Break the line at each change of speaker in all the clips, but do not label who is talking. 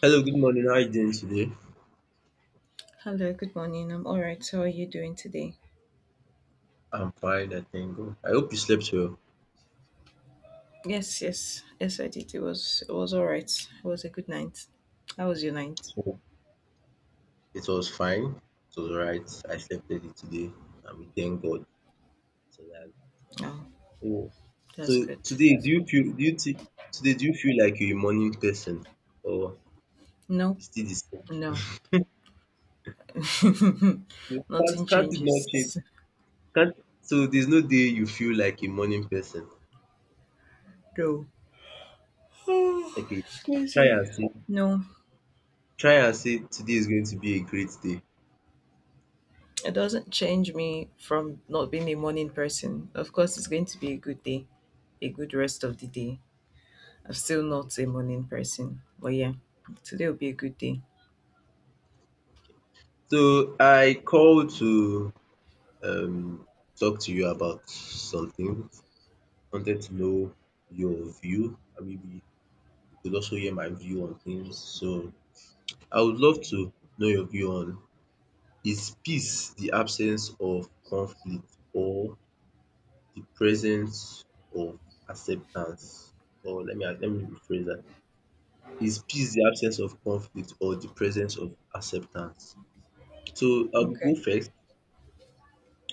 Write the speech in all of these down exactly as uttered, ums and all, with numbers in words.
Hello, good morning. How are you doing today?
Hello, good morning. I'm all right. How are you doing today?
I'm fine, I thank God. I hope you slept well.
Yes, yes, yes, I did. It was it was all right. It was a good night. How was your night?
So it was fine. It was right. I slept early today, and we thank God. So that-
Oh,
Oh. So
that's good.
today, do
That's
you
good.
feel? Do you think today? Do you feel like you're a morning person, or
No,
it's still the same?
no,
No,
nothing
Can't can't it not change?
changes.
Can't so there's no day you feel like a morning person.
No,
Okay, try
crazy.
and say
No,
try and say today is going to be a great day.
it doesn't change me from not being a morning person. Of course, it's going to be a good day, a good rest of the day. I'm still
Okay.
not a morning person, but yeah, today will be a good day.
So I called to um talk to you about something. Wanted to know your view and maybe you could also hear my view on things. So I would love to know your view on is peace the absence of conflict or the presence of acceptance? Or let me let me rephrase that. Is peace the absence of conflict or the presence of acceptance? So I'll go
Okay.
first.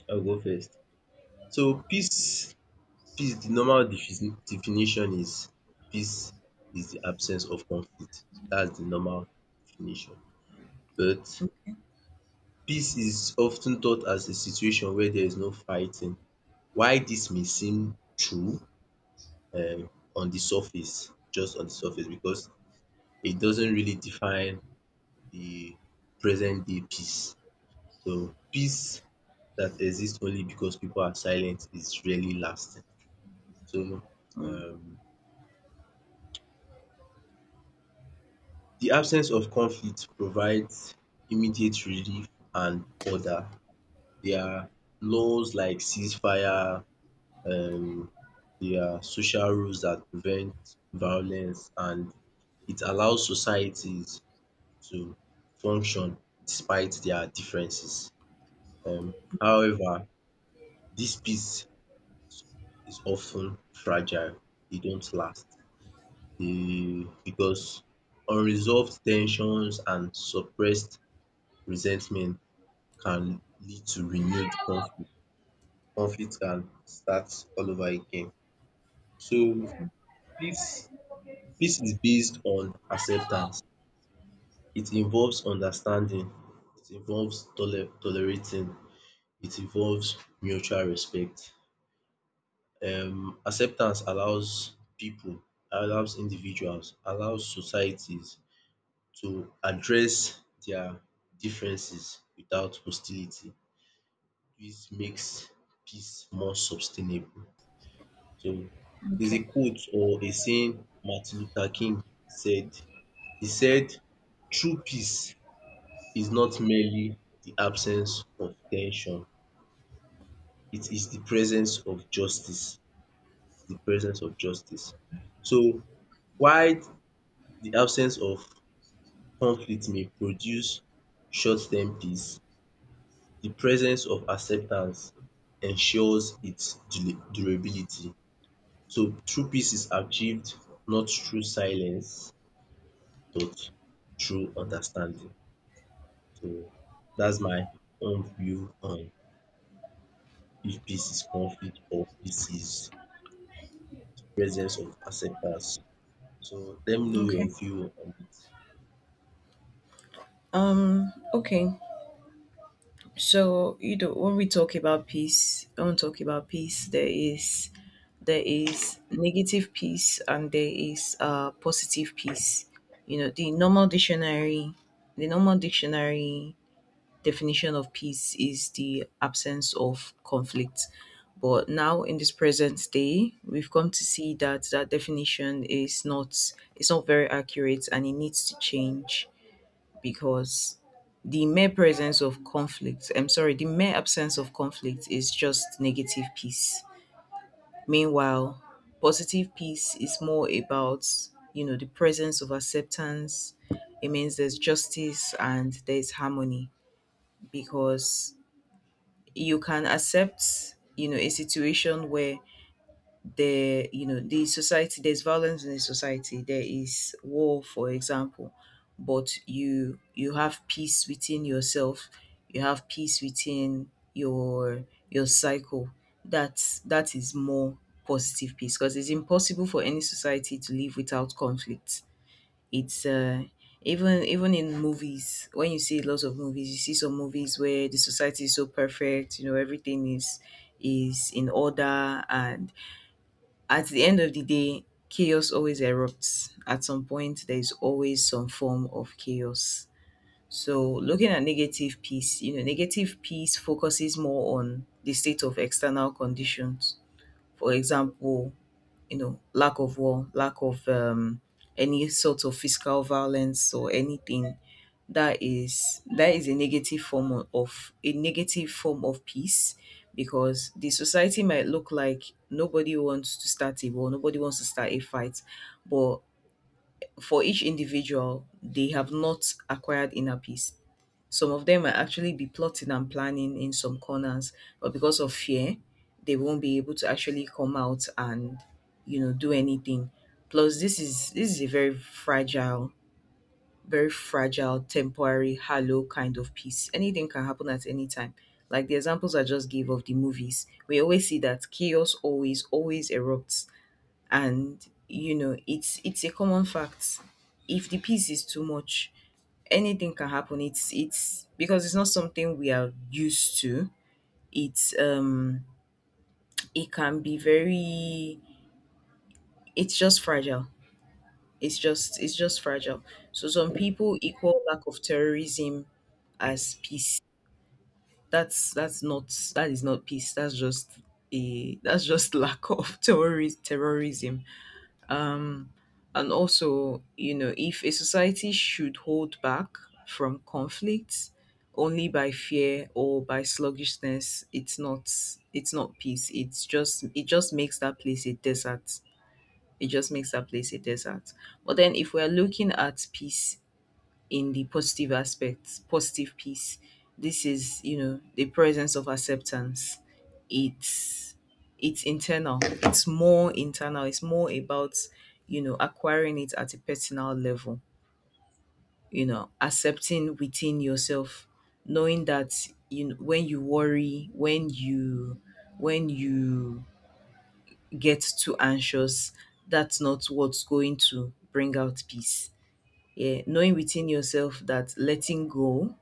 I'll go first. So peace Peace, the normal defini- definition is peace is the absence of conflict. That's the normal definition. But
Okay.
peace is often ten thought as a situation where there is no fighting. Why this may seem true um on the surface, just on the surface, because it doesn't really define the present day peace. So peace that exists only because people are silent is really lasting. So
Mm.
um the absence of conflict provides immediate relief and order. There are laws like ceasefire, um there are social rules that prevent violence, and it allows societies to function despite their differences. Um however, this peace is often fragile, e don't last um because unresolved tensions and suppressed resentment can lead to renewed conflict. Conflict can start all over again. So peace peace is based on acceptance. It involves understanding, it involves tole- tolerating, it involves mutual respect. Um acceptance allows people, allows individuals, allows societies to address their differences without hostility. This makes peace more sustainable. So there's
Okay.
a quote or a saying Martin Luther King said. He said, true peace is not merely the absence of tension. It is the presence of justice. The presence of justice. So while the absence of conflict may produce short-term peace, the presence of acceptance ensures its dura durability. So true peace is achieved not through silence thought through understanding. So that's my own view on if peace is conflict or peace is presence of acceptance. So let me know
Okay.
your view on it.
Um, okay. So, you know, when we talk about peace, when we talk about peace, there is there is negative peace and there is uh positive peace. You know, the normal dictionary the normal dictionary definition of peace is the absence of conflict. But now in this present day, we've come to see that that definition is not it's not very accurate and it needs to change, because the mere presence of conflict, I'm sorry, the mere absence of conflict is just negative peace. Meanwhile, positive peace is more about you know the presence of acceptance. It means there's justice and there's harmony, because you can accept you know a situation where there, you know, the society, there's violence in the society, there is war, for example, but you you have peace within yourself, you have peace within your your cycle. That's that is more positive peace, because it's impossible for any society to live without conflict. It's uh even even in movies, when you see lots of movies, you see some movies where the society is so perfect, you know everything is is in order, and at the end of the day, chaos always erupts. At some point, there is always some form of chaos. So, looking at negative peace, you know, negative peace focuses more on the state of external conditions. For example, you know, lack of war, lack of um, any sort of physical violence, or anything that is that is a negative form o- of a negative form of peace, because the society might look like nobody wants to start a war, nobody wants to start a fight, but for each individual, they have not acquired inner peace. Some of them might actually be plotting and planning in some corners, but because of fear, they won't be able to actually come out and you know do anything. Plus, this is this is a very fragile, very fragile, temporary, hollow kind of piece. Anything can happen at any time. Like the examples I just gave of the movies, we always see that chaos always always erupts, and you know it's it's a common fact. If the piece is too much, anything can happen. It's it's because it's not something we are used to. It's um it can be very it's just fragile. It's just it's just fragile. So some people equal lack of terrorism as peace. That's that's not. That is not peace. That's just a that's just lack of terrorist terrorism. um, and also, you know if a society should hold back from conflict only by fear or by sluggishness, it's not it's not peace. It's just it just makes that place a desert. It just makes that place a desert. But then, if we're looking at peace in the positive aspects, positive piece. This is, you know, the presence of acceptance. It's it's internal. It's more internal. It's more about, you know, acquiring it at a personal level, you know, accepting within yourself, knowing that, you know, when you worry, when you when you get too anxious, that's not what's going to bring out peace. Yeah, knowing within yourself that letting go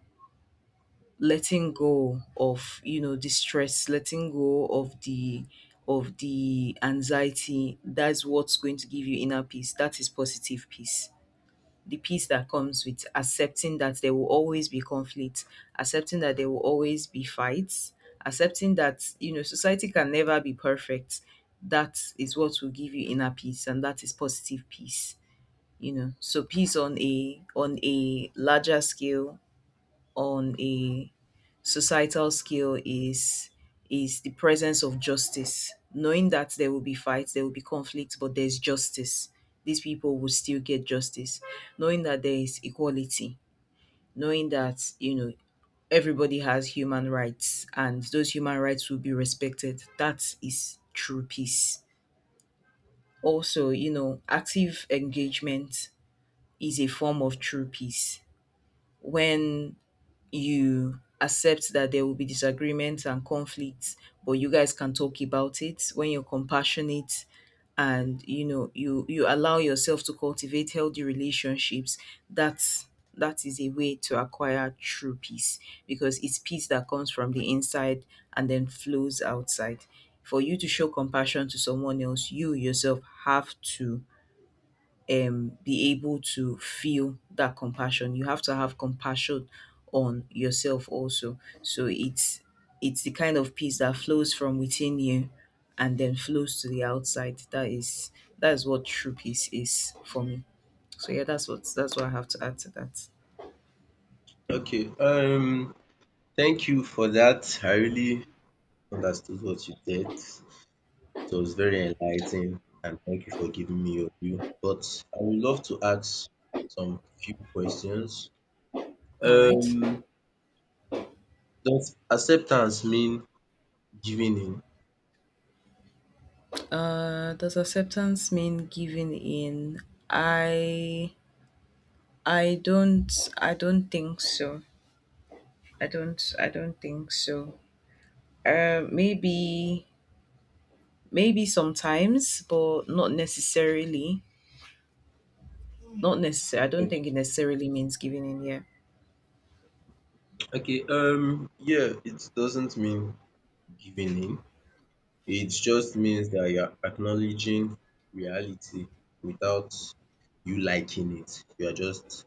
letting go of, you know the stress, letting go of the of the anxiety, that's what's going to give you inner peace. That is positive peace. The peace that comes with accepting that there will always be conflict, accepting that there will always be fights, accepting that, you know society can never be perfect, that is what will give you inner peace, and that is positive peace. You know so peace on a on a larger scale, on a societal scale, is is the presence of justice, knowing that there will be fights, there will be conflicts, but there's justice. These people will still get justice, knowing that there is equality, knowing that, you know everybody has human rights and those human rights will be respected. That is true peace. Also, you know active engagement is a form of true peace, when you accept that there will be disagreements and conflicts, but you guys can talk about it, when you're compassionate, and you know you you allow yourself to cultivate healthy relationships, that's that is a way to acquire true peace, because it's peace that comes from the inside and then flows outside. For you to show compassion to someone else, you yourself have to um be able to feel that compassion. You have to have compassion on yourself also. So it's it's the kind of peace that flows from within you and then flows to the outside. That is that is what true peace is for me. So yeah, that's what that's what I have to add to that.
Okay, um, thank you for that. I really understood what you said. So it was very enlightening, and thank you for giving me your view. But I would love to ask some few questions.
All right.
Um, does acceptance mean giving
Uh, does acceptance mean giving in? I I don't I don't think so. I don't I don't think so. Uh, maybe Maybe sometimes, but not necessarily. Not necessarily. I don't
in?
think it necessarily means giving in. Yeah.
Okay, um, yeah, it doesn't mean giving in. It just means that you're acknowledging reality without you liking it. You are just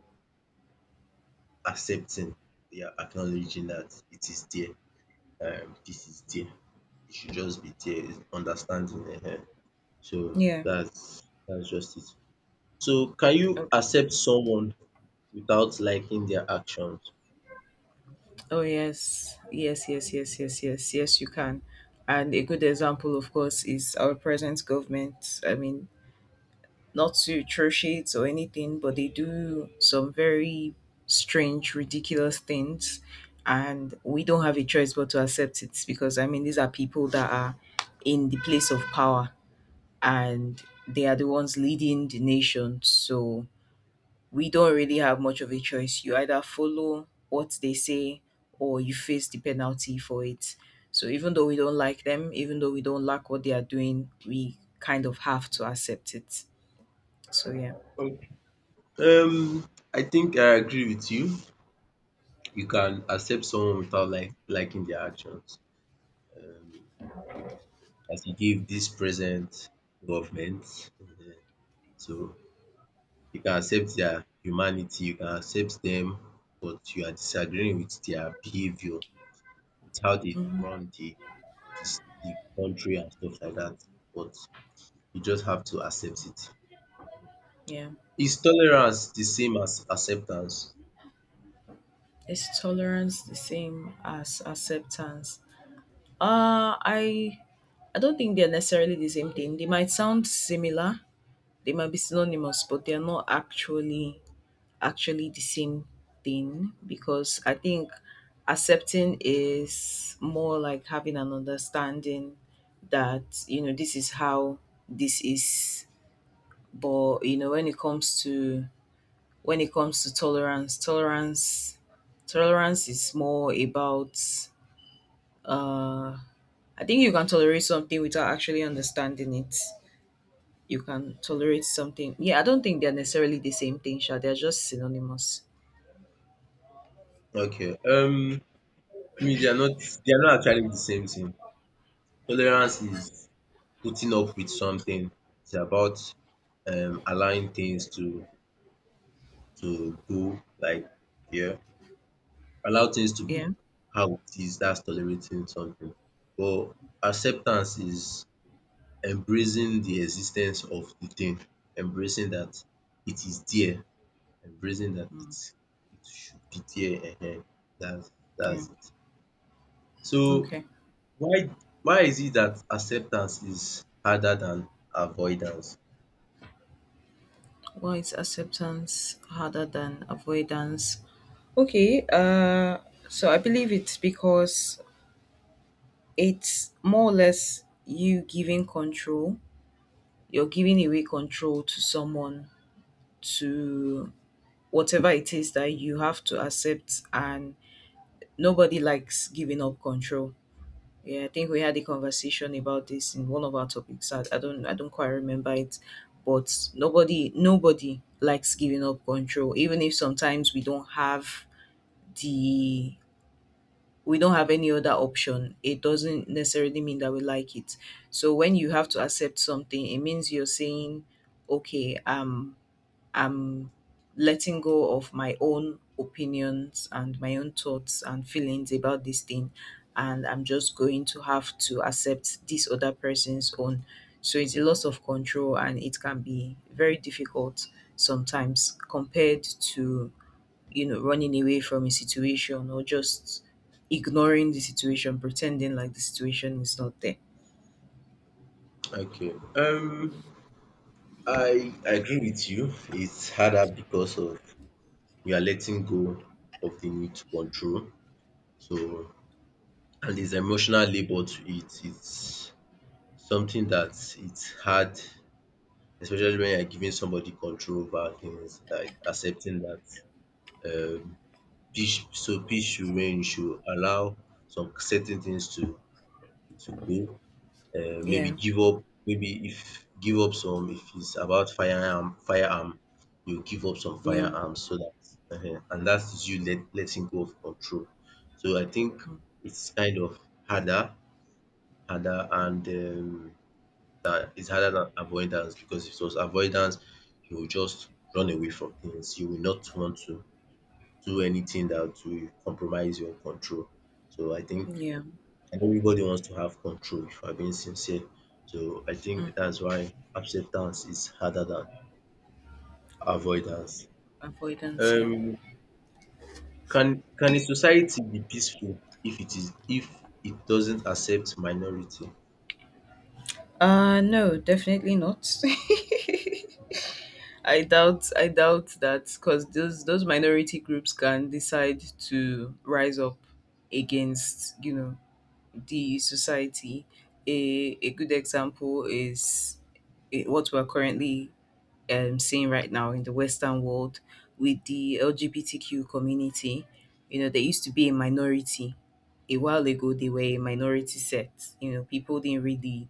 accepting, you're acknowledging that it is there. Um, this is there. It should just be there. It's understanding. Eh, eh. So
Yeah.
that's that's just it. So can you
Okay.
accept someone without liking their actions?
Oh yes. Yes. Yes. Yes. Yes. Yes. Yes. You can. And a good example, of course, is our present government. I mean, not to trash it or anything, but they do some very strange, ridiculous things, and we don't have a choice but to accept it, because, I mean, these are people that are in the place of power, and they are the ones leading the nation. So we don't really have much of a choice. You either follow what they say or you face the penalty for it. So even though we don't like them, even though we don't like what they are doing, we kind of have to accept it. So yeah.
Okay. Um, I think I agree with you. You can accept someone without like liking their actions. Um, as you give this present government, um so you can accept their humanity, you can accept them, but you are disagreeing with their behavior, with how they
Hmm.
run the the the country and stuff like that. But you just have to accept it.
Yeah.
Is tolerance the same as acceptance?
Is tolerance the same as acceptance? Uh I I don't think they're necessarily the same thing. They might sound similar, they might be synonymous, but they are not actually actually the same thing, because I think accepting is more like having an understanding that, you know this is how this is. But, you know when it comes to, when it comes to tolerance tolerance tolerance is more about, uh I think you can tolerate something without actually understanding it. You can tolerate something. Yeah, I don't think they're necessarily the same thing, Sha. They're just synonymous.
Okay. Um, me, they are not. They are not actually the same thing. Tolerance is putting up with something. It's about um, allowing things to to go like yeah, allow things to be
Yeah.
how it is. That's tolerating something. But acceptance is embracing the existence of the thing, embracing that it is there, embracing that
Mm.
it it should be there. Ehen. That's
Yeah.
that's it. So
Okay.
why why is it that acceptance is harder than avoidance?
Why is acceptance harder than avoidance? Okay. Uh, so I believe it's because it's more or less you giving control. You're giving away control to someone to whatever it is that you have to accept, and nobody likes giving up control. Yeah, I think we had a conversation about this in one of our topics. I, I don't I don't quite remember it, but nobody nobody likes giving up control, even if sometimes we don't have the we don't have any other option. It doesn't necessarily mean that we like it. So when you have to accept something, it means you're saying, okay, um, I'm letting go of my own opinions and my own thoughts and feelings about this thing. And I'm just going to have to accept this other person's own. So it's a loss of control, and it can be very difficult sometimes, compared to, you know, running away from a situation, or just ignoring the situation, pretending like the situation is not there.
Okay. Um I agree with you. It's harder because of we are letting go of the need to control. So and there's emotional labor to it. It's something that it's hard, especially when you're giving somebody control over things, like accepting that um peace, so peace should reign, you should allow some certain things to to go, um maybe
Yeah.
give up, maybe if give up some, if it's about firearm firearm, you give up some
Yeah.
firearms so that um and that is you let letting go of control. So I think
Mm.
it's kind of harder harder and um that it's harder than avoidance because if it was avoidance you will just run away from things. You will not want to do anything that will compromise your control. So I think
Yeah.
everybody wants to have control if I'm being sincere. So I
Mm.
think that's why acceptance is harder than avoidance.
Avoidance. Yeah.
Um can can a society be peaceful if it is if it doesn't accept minority?
Uh no, definitely not. I doubt I doubt that, because those those minority groups can decide to rise up against, you know, the society. A a good example is, eh, what we're currently, um, seeing right now in the Western world with the L G B T Q community. You know, they used to be a minority. A while ago they were a minority sect. You know, people didn't really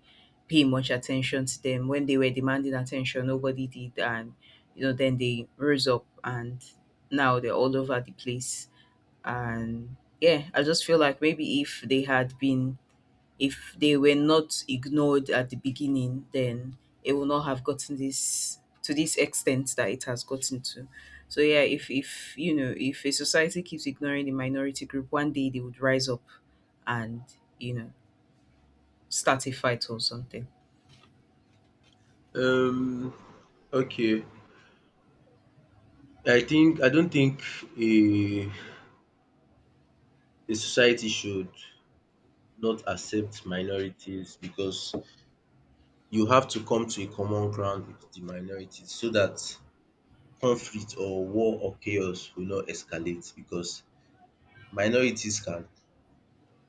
pay much attention to them. When they were demanding attention, nobody did. And, you know, then they rose up, and now they're all over the place. And yeah, I just feel like maybe if they had been, if they were not ignored at the beginning, then it would not have gotten this to this extent that it has gotten to. So yeah, if if you know if a society keeps ignoring the minority group, one day they would rise up and you know start a fight or something.
Um okay. I think I don't think a a society should not accept minorities because you have to come to a common ground with the minorities so that conflict or war or chaos will not escalate, because minorities can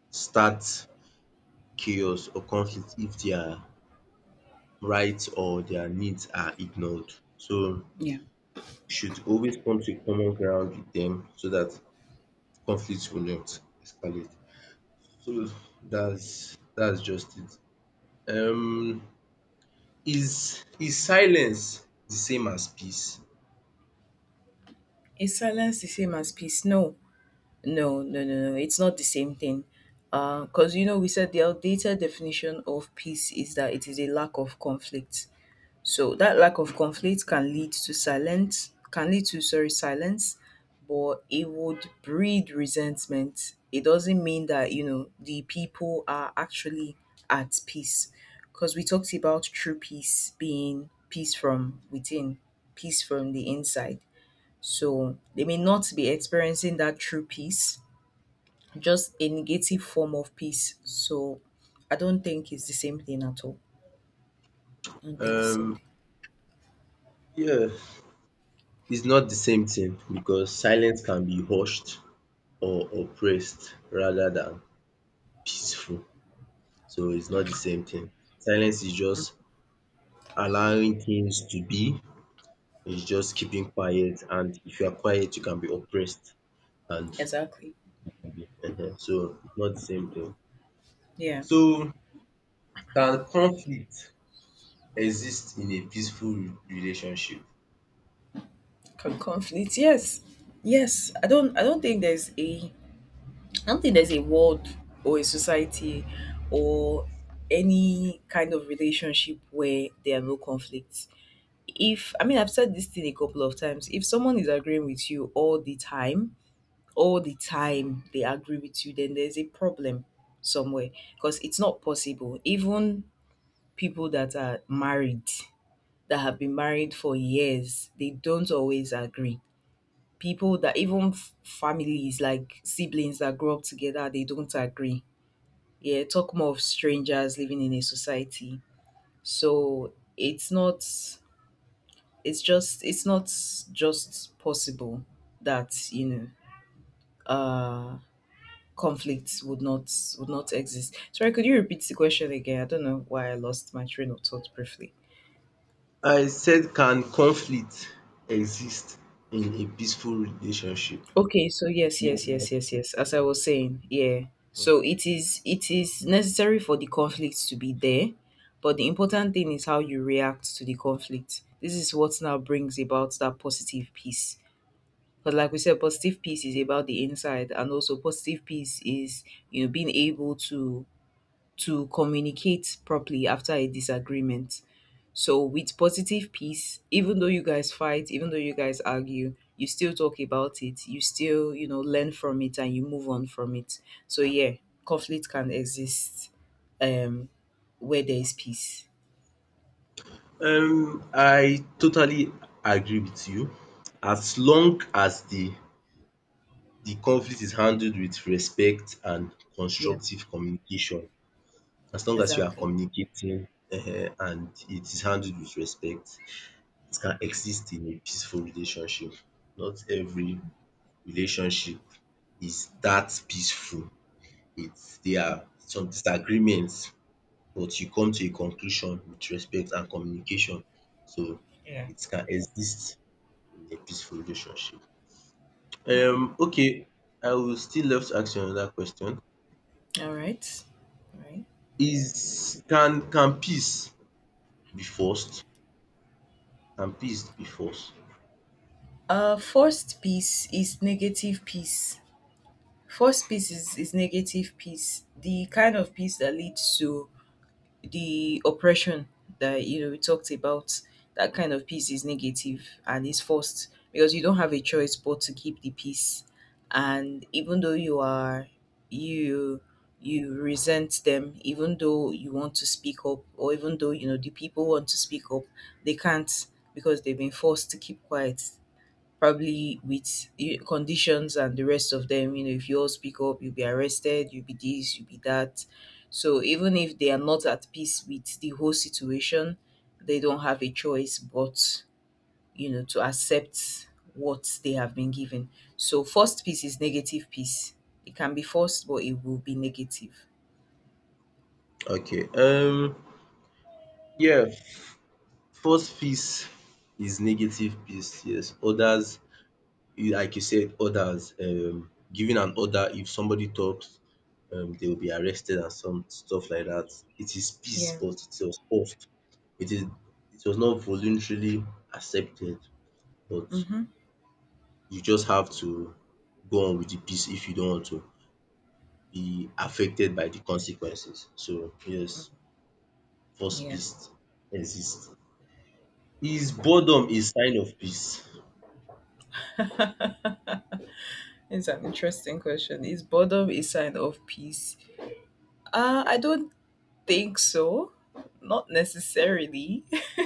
start chaos or conflict if their rights or their needs are ignored. So
Yeah.
you should always come to a common ground with them so that conflict will not escalate. So that's that's just it. Um is is silence the same as peace?
Is silence the same as peace? No, no, no, no, no. It's not the same thing. Because, you know, we said the outdated definition of peace is that it is a lack of conflict. So that lack of conflict can lead to silence, can lead to sorry silence, but it would breed resentment. It doesn't mean that you know the people are actually at peace, because we talked about true peace being peace from within, peace from the inside. So they may not be experiencing that true peace, just a negative form of peace. So I don't think it's the same thing at all. I don't think it's the same
Um
thing.
yeah, it's not the same thing because silence can be hushed or oppressed rather than peaceful. So it's not the same thing. Silence is just allowing things to be. It's just keeping quiet. And if you are quiet, you can be oppressed. And
Exactly.
um so it's not the same thing.
Yeah.
So can conflict exist in a peaceful re- relationship?
Can conflict? Yes, yes. I don't. I don't think there's a. I don't think there's a world or a society or any kind of relationship where there are no conflicts. If I mean, I've said this thing a couple of times. If someone is agreeing with you all the time, all the time they agree with you, then there's a problem somewhere because it's not possible. Even people that are married, that have been married for years, they don't always agree. People that even f- families like siblings that grow up together, they don't agree. Yeah, talk more of strangers living in a society. So it's not, it's just it's not just possible that you know uh conflicts would not, would not exist. Sorry, could you repeat the question again? I don't know why I lost my train of thought briefly.
I said can conflict exist in a peaceful relationship?
Okay, so yes, yes, yes, yes, yes. As I was saying, yeah. So it is, it is necessary for the conflict to be there, but the important thing is how you react to the conflict. This is what now brings about that positive peace. Because like we said, positive peace is about the inside, and also positive peace is, you know, being able to to communicate properly after a disagreement. So with positive peace, even though you guys fight, even though you guys argue, you still talk about it. You still, you know, learn from it and you move on from it. So yeah, conflict can exist um where there is peace.
Um, I totally agree with you. As long as the the conflict is handled with respect and
Yeah,
constructive communication, as long as you are
exactly.
communicating um and it is handled with respect, it can exist in a peaceful relationship. Not every relationship is that peaceful. It's there are some disagreements, but you come to a conclusion with respect and communication. So
Yeah.
it can exist in a peaceful relationship. Um okay, I will still love to ask you another question.
All right. All right.
Is can can peace be forced? Can peace be forced?
Uh first piece is negative peace. First piece is, is negative peace, the kind of peace that leads to the oppression that you know we talked about. That kind of peace is negative and is forced because you don't have a choice but to keep the peace. And even though you are, you you resent them, even though you want to speak up, or even though you know the people want to speak up, they can't because they've been forced to keep quiet, probably with eh, conditions and the rest of them. You know, if you all speak up, you'll be arrested, you'll be this, you'll be that. So even if they are not at peace with the whole situation, they don't have a choice but, you know, to accept what they have been given. So forced peace is negative peace. It can be forced, but it will be negative.
Okay, um yeah, forced peace is negative peace, yes. Others, like you said, others um giving an order if somebody talks, um they will be arrested and some stuff like that. It is peace,
Yeah.
but it was forced. It is it was not voluntarily accepted, but
Mm-hmm.
you just have to go on with the peace if you don't want to be affected by the consequences. So yes, first
Yeah.
peace exists. Is boredom a sign of peace?
It's an interesting question. Is boredom a sign of peace? Uh, I don't think so. Not necessarily.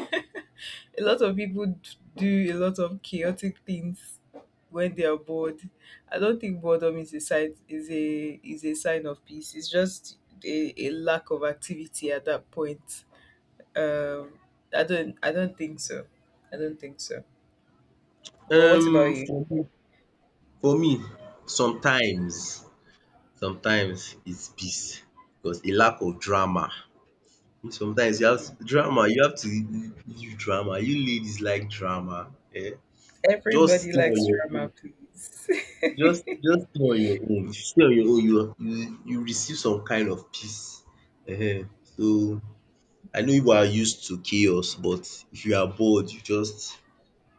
A lot of people d- do a lot of chaotic things when they are bored. I don't think boredom is a sign is a is a sign of peace. It's just a, a lack of activity at that point. Um, I don't, I don't think so. I don't think so. But what about
Um
you?
for me for me sometimes, sometimes it's peace because a lack of drama. Sometimes you have
Mm.
to- drama you have to leave drama. You ladies like drama um. Just
Everybody
stay on
likes
your
drama,
own.
please.
Just just stay on your own. If you stay on your own, you you you receive some kind of peace. Ehen. So I know you are used to chaos, but if you are bored you just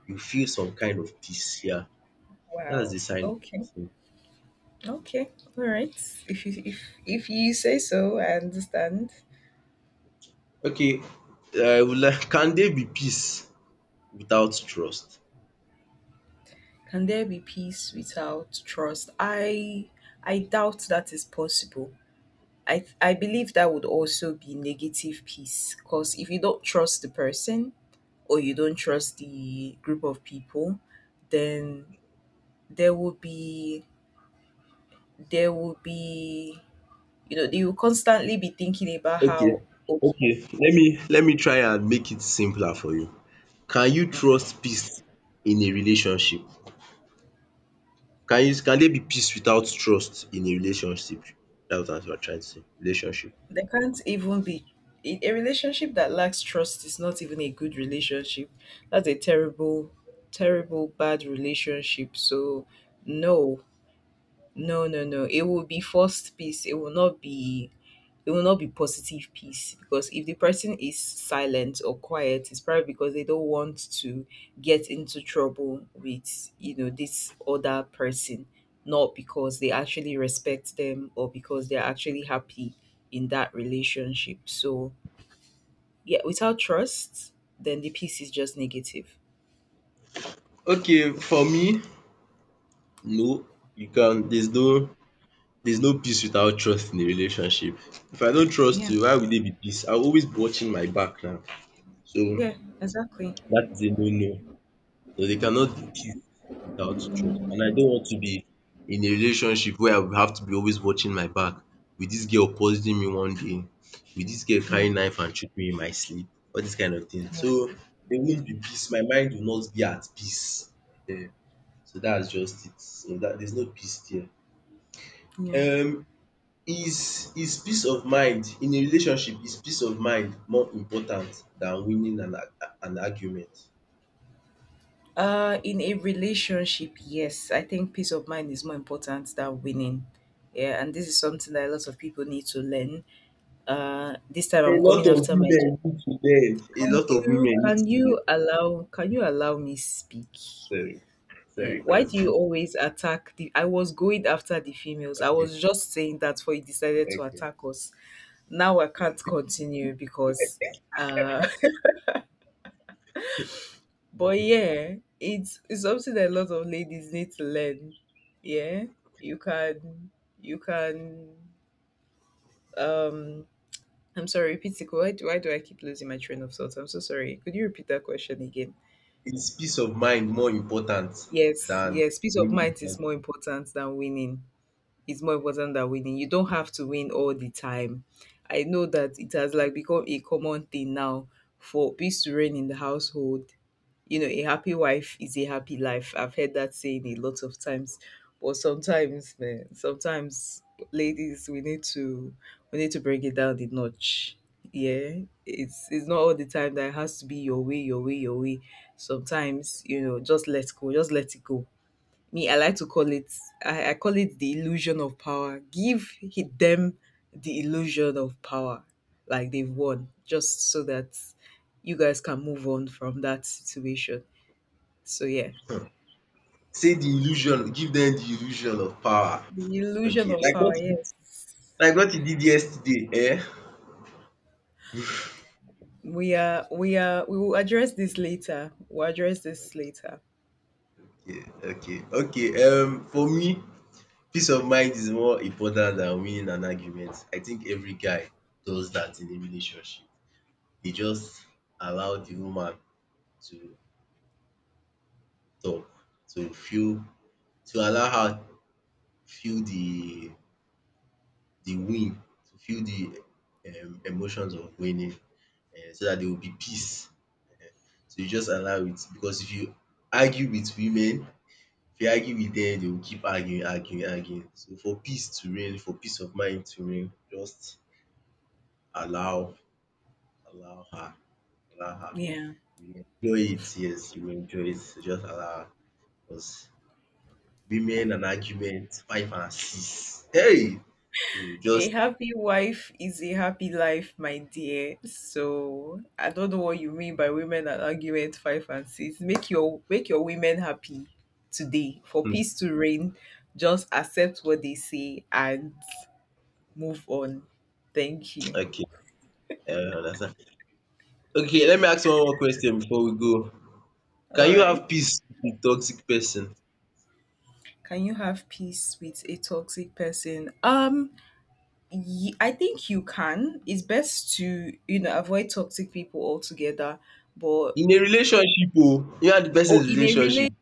you feel some kind of peace. Yeah, that's
Wow.
the sign of
Okay.
peace.
Okay. All right. If you if if you say so, I understand.
Okay, I would like can there be peace without trust?
Can there be peace without trust? I I doubt that is possible. I I believe that would also be negative peace because if you don't trust the person or you don't trust the group of people, then there will be, there will be, you know, they will constantly be thinking about
Okay,
how. Okay,
okay, let me let me try and make it simpler for you. Can you
okay.
trust peace in a relationship? Can you can there be peace without trust in a relationship? That's what I'm trying to say, relationship.
They can't even be, a a relationship that lacks trust is not even a good relationship. That's a terrible, terrible, bad relationship. So, no, no, no, no. It will be forced peace. It will not be, it will not be positive peace because if the person is silent or quiet, it's probably because they don't want to get into trouble with, you know, this other person, not because they actually respect them or because they're actually happy in that relationship. So, yeah, without trust, then the peace is just negative.
Okay, for me, no. You can there's no there's no peace without trust in a relationship. If I don't trust
Yeah,
you, why would there be peace? I'll always be watching my back now. So
yeah, exactly.
that is a no no. So they cannot do it without trust. And I don't want to be in a relationship where I will have to be always watching my back. Will this girl poison me one day? Will this girl carry
Mm,
knife and shoot me in my sleep? All this kind of thing.
yeah,
So there won't be peace. My mind will not be at peace. Ehen. So that's just it. So that there's no peace there.
yeah.
Um is is peace of mind in a relationship is peace of mind more important than winning an ar- an argument?
Uh, in a relationship, yes, I think peace of mind is more important than winning. Yeah, and this is something that a lot of people need to learn. Uh, this time
A
I'm
lot
coming
of
after my gym.
women need to learn. A
Can
lot of
you
women need
can
to
you
learn.
allow, can you allow me speak?
Sorry,
Eh,
sorry,
why do
cause
you always attack the? I was going after the females. I
okay,
was just saying that, for you decided to
okay.
attack us. Now I can't continue because uh but yeah, it's it's something that a lot of ladies need to learn. Yeah, you can, you can um I'm sorry, repeat it. Why do, why do I keep losing my train of thought? I'm so sorry. Could you repeat that question again?
Is peace of mind more important
Yes,
than
yes. Peace of mind is
winning?
more important than winning. It's more important than winning. You don't have to win all the time. I know that it has like become a common thing now for peace to reign in the household. You know, a happy wife is a happy life. I've heard that saying a lot of times. But sometimes, man, sometimes ladies we need to, we need to bring it down the notch. Yeah. It's it's not all the time that it has to be your way, your way, your way. Sometimes, you know, just let go, just let it go. Me, I like to call it, I, I call it the illusion of power. Give he- them the illusion of power. Like they've won. Just so that you guys can move on from that situation. So yeah,
Say the illusion, give them the illusion of power.
the illusion
Okay,
of
like what
power.
you did,
Yes,
like what you did yesterday, eh?
we are. We are. We will address this later. We'll address this later.
Okay, okay, okay. Um, for me, peace of mind is more important than winning an argument. I think every guy does that in a relationship. They just allow the woman to talk to feel to allow her feel the the win, to feel the um emotions of winning um so dat there will be peace. So you just allow it because if you argue with women, if you argue with dem dey will keep arguing arguing arguing. So for peace to reign, for peace of mind to reign, just allow allow her allow her.
Yeah.
You will enjoy it, yes, you will enjoy it. So just allow her because women and argument, five and six. Hey! So
A
just
happy wife is a happy life, my dear. So I don't know what you mean by women and argument five and six. Make your make your women happy today for
um
peace to reign. Just accept what they say and move on. Thank you.
okay, I understand. Okay, let me ask one more question before we go.
All
Can you
right.
have peace with toxic person?
Can you have peace with a toxic person? Um Ye- I think you can. It's best to, you know, avoid toxic people altogether. But
In a relationship oh, you and the
or
person's
in a
relationship.
relate,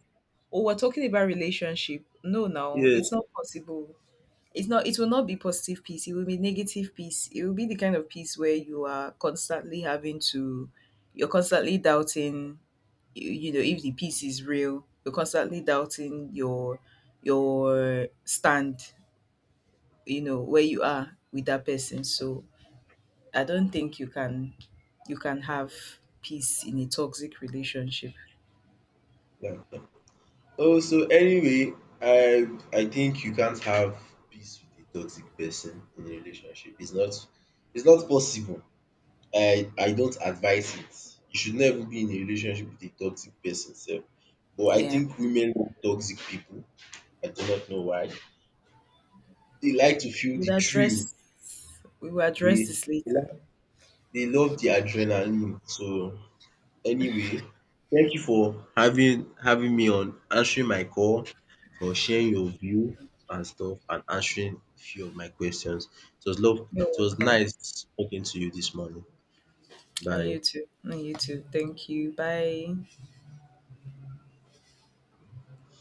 or we're talking about relationship. No, no,
Yes.
it's not possible. It's not, it will not be positive peace. It will be negative peace. It will be the kind of peace where you are constantly having to, you're constantly doubting, you, you know if the peace is real. You're constantly doubting your your stand, you know, where you are with that person. So I don't think you can, you can have peace in a toxic relationship.
Yeah. Oh so anyway, I I think you can't have peace with a toxic person in a relationship. It's not it's not possible. I I don't advise it. You should never be in a relationship with a toxic person sef. But I
Yeah.
think women love toxic people. I do not know why. They like to feel the
We'll
thrill.
address, we will
They
address this
they
later.
like they love the adrenaline. So anyway, thank you for having having me on, answering my call, for sharing your view and stuff and answering a few of my questions. It was love
You're
it was
welcome.
nice talking to you this morning.
And
Bye.
you too. And you too. Thank you. Bye.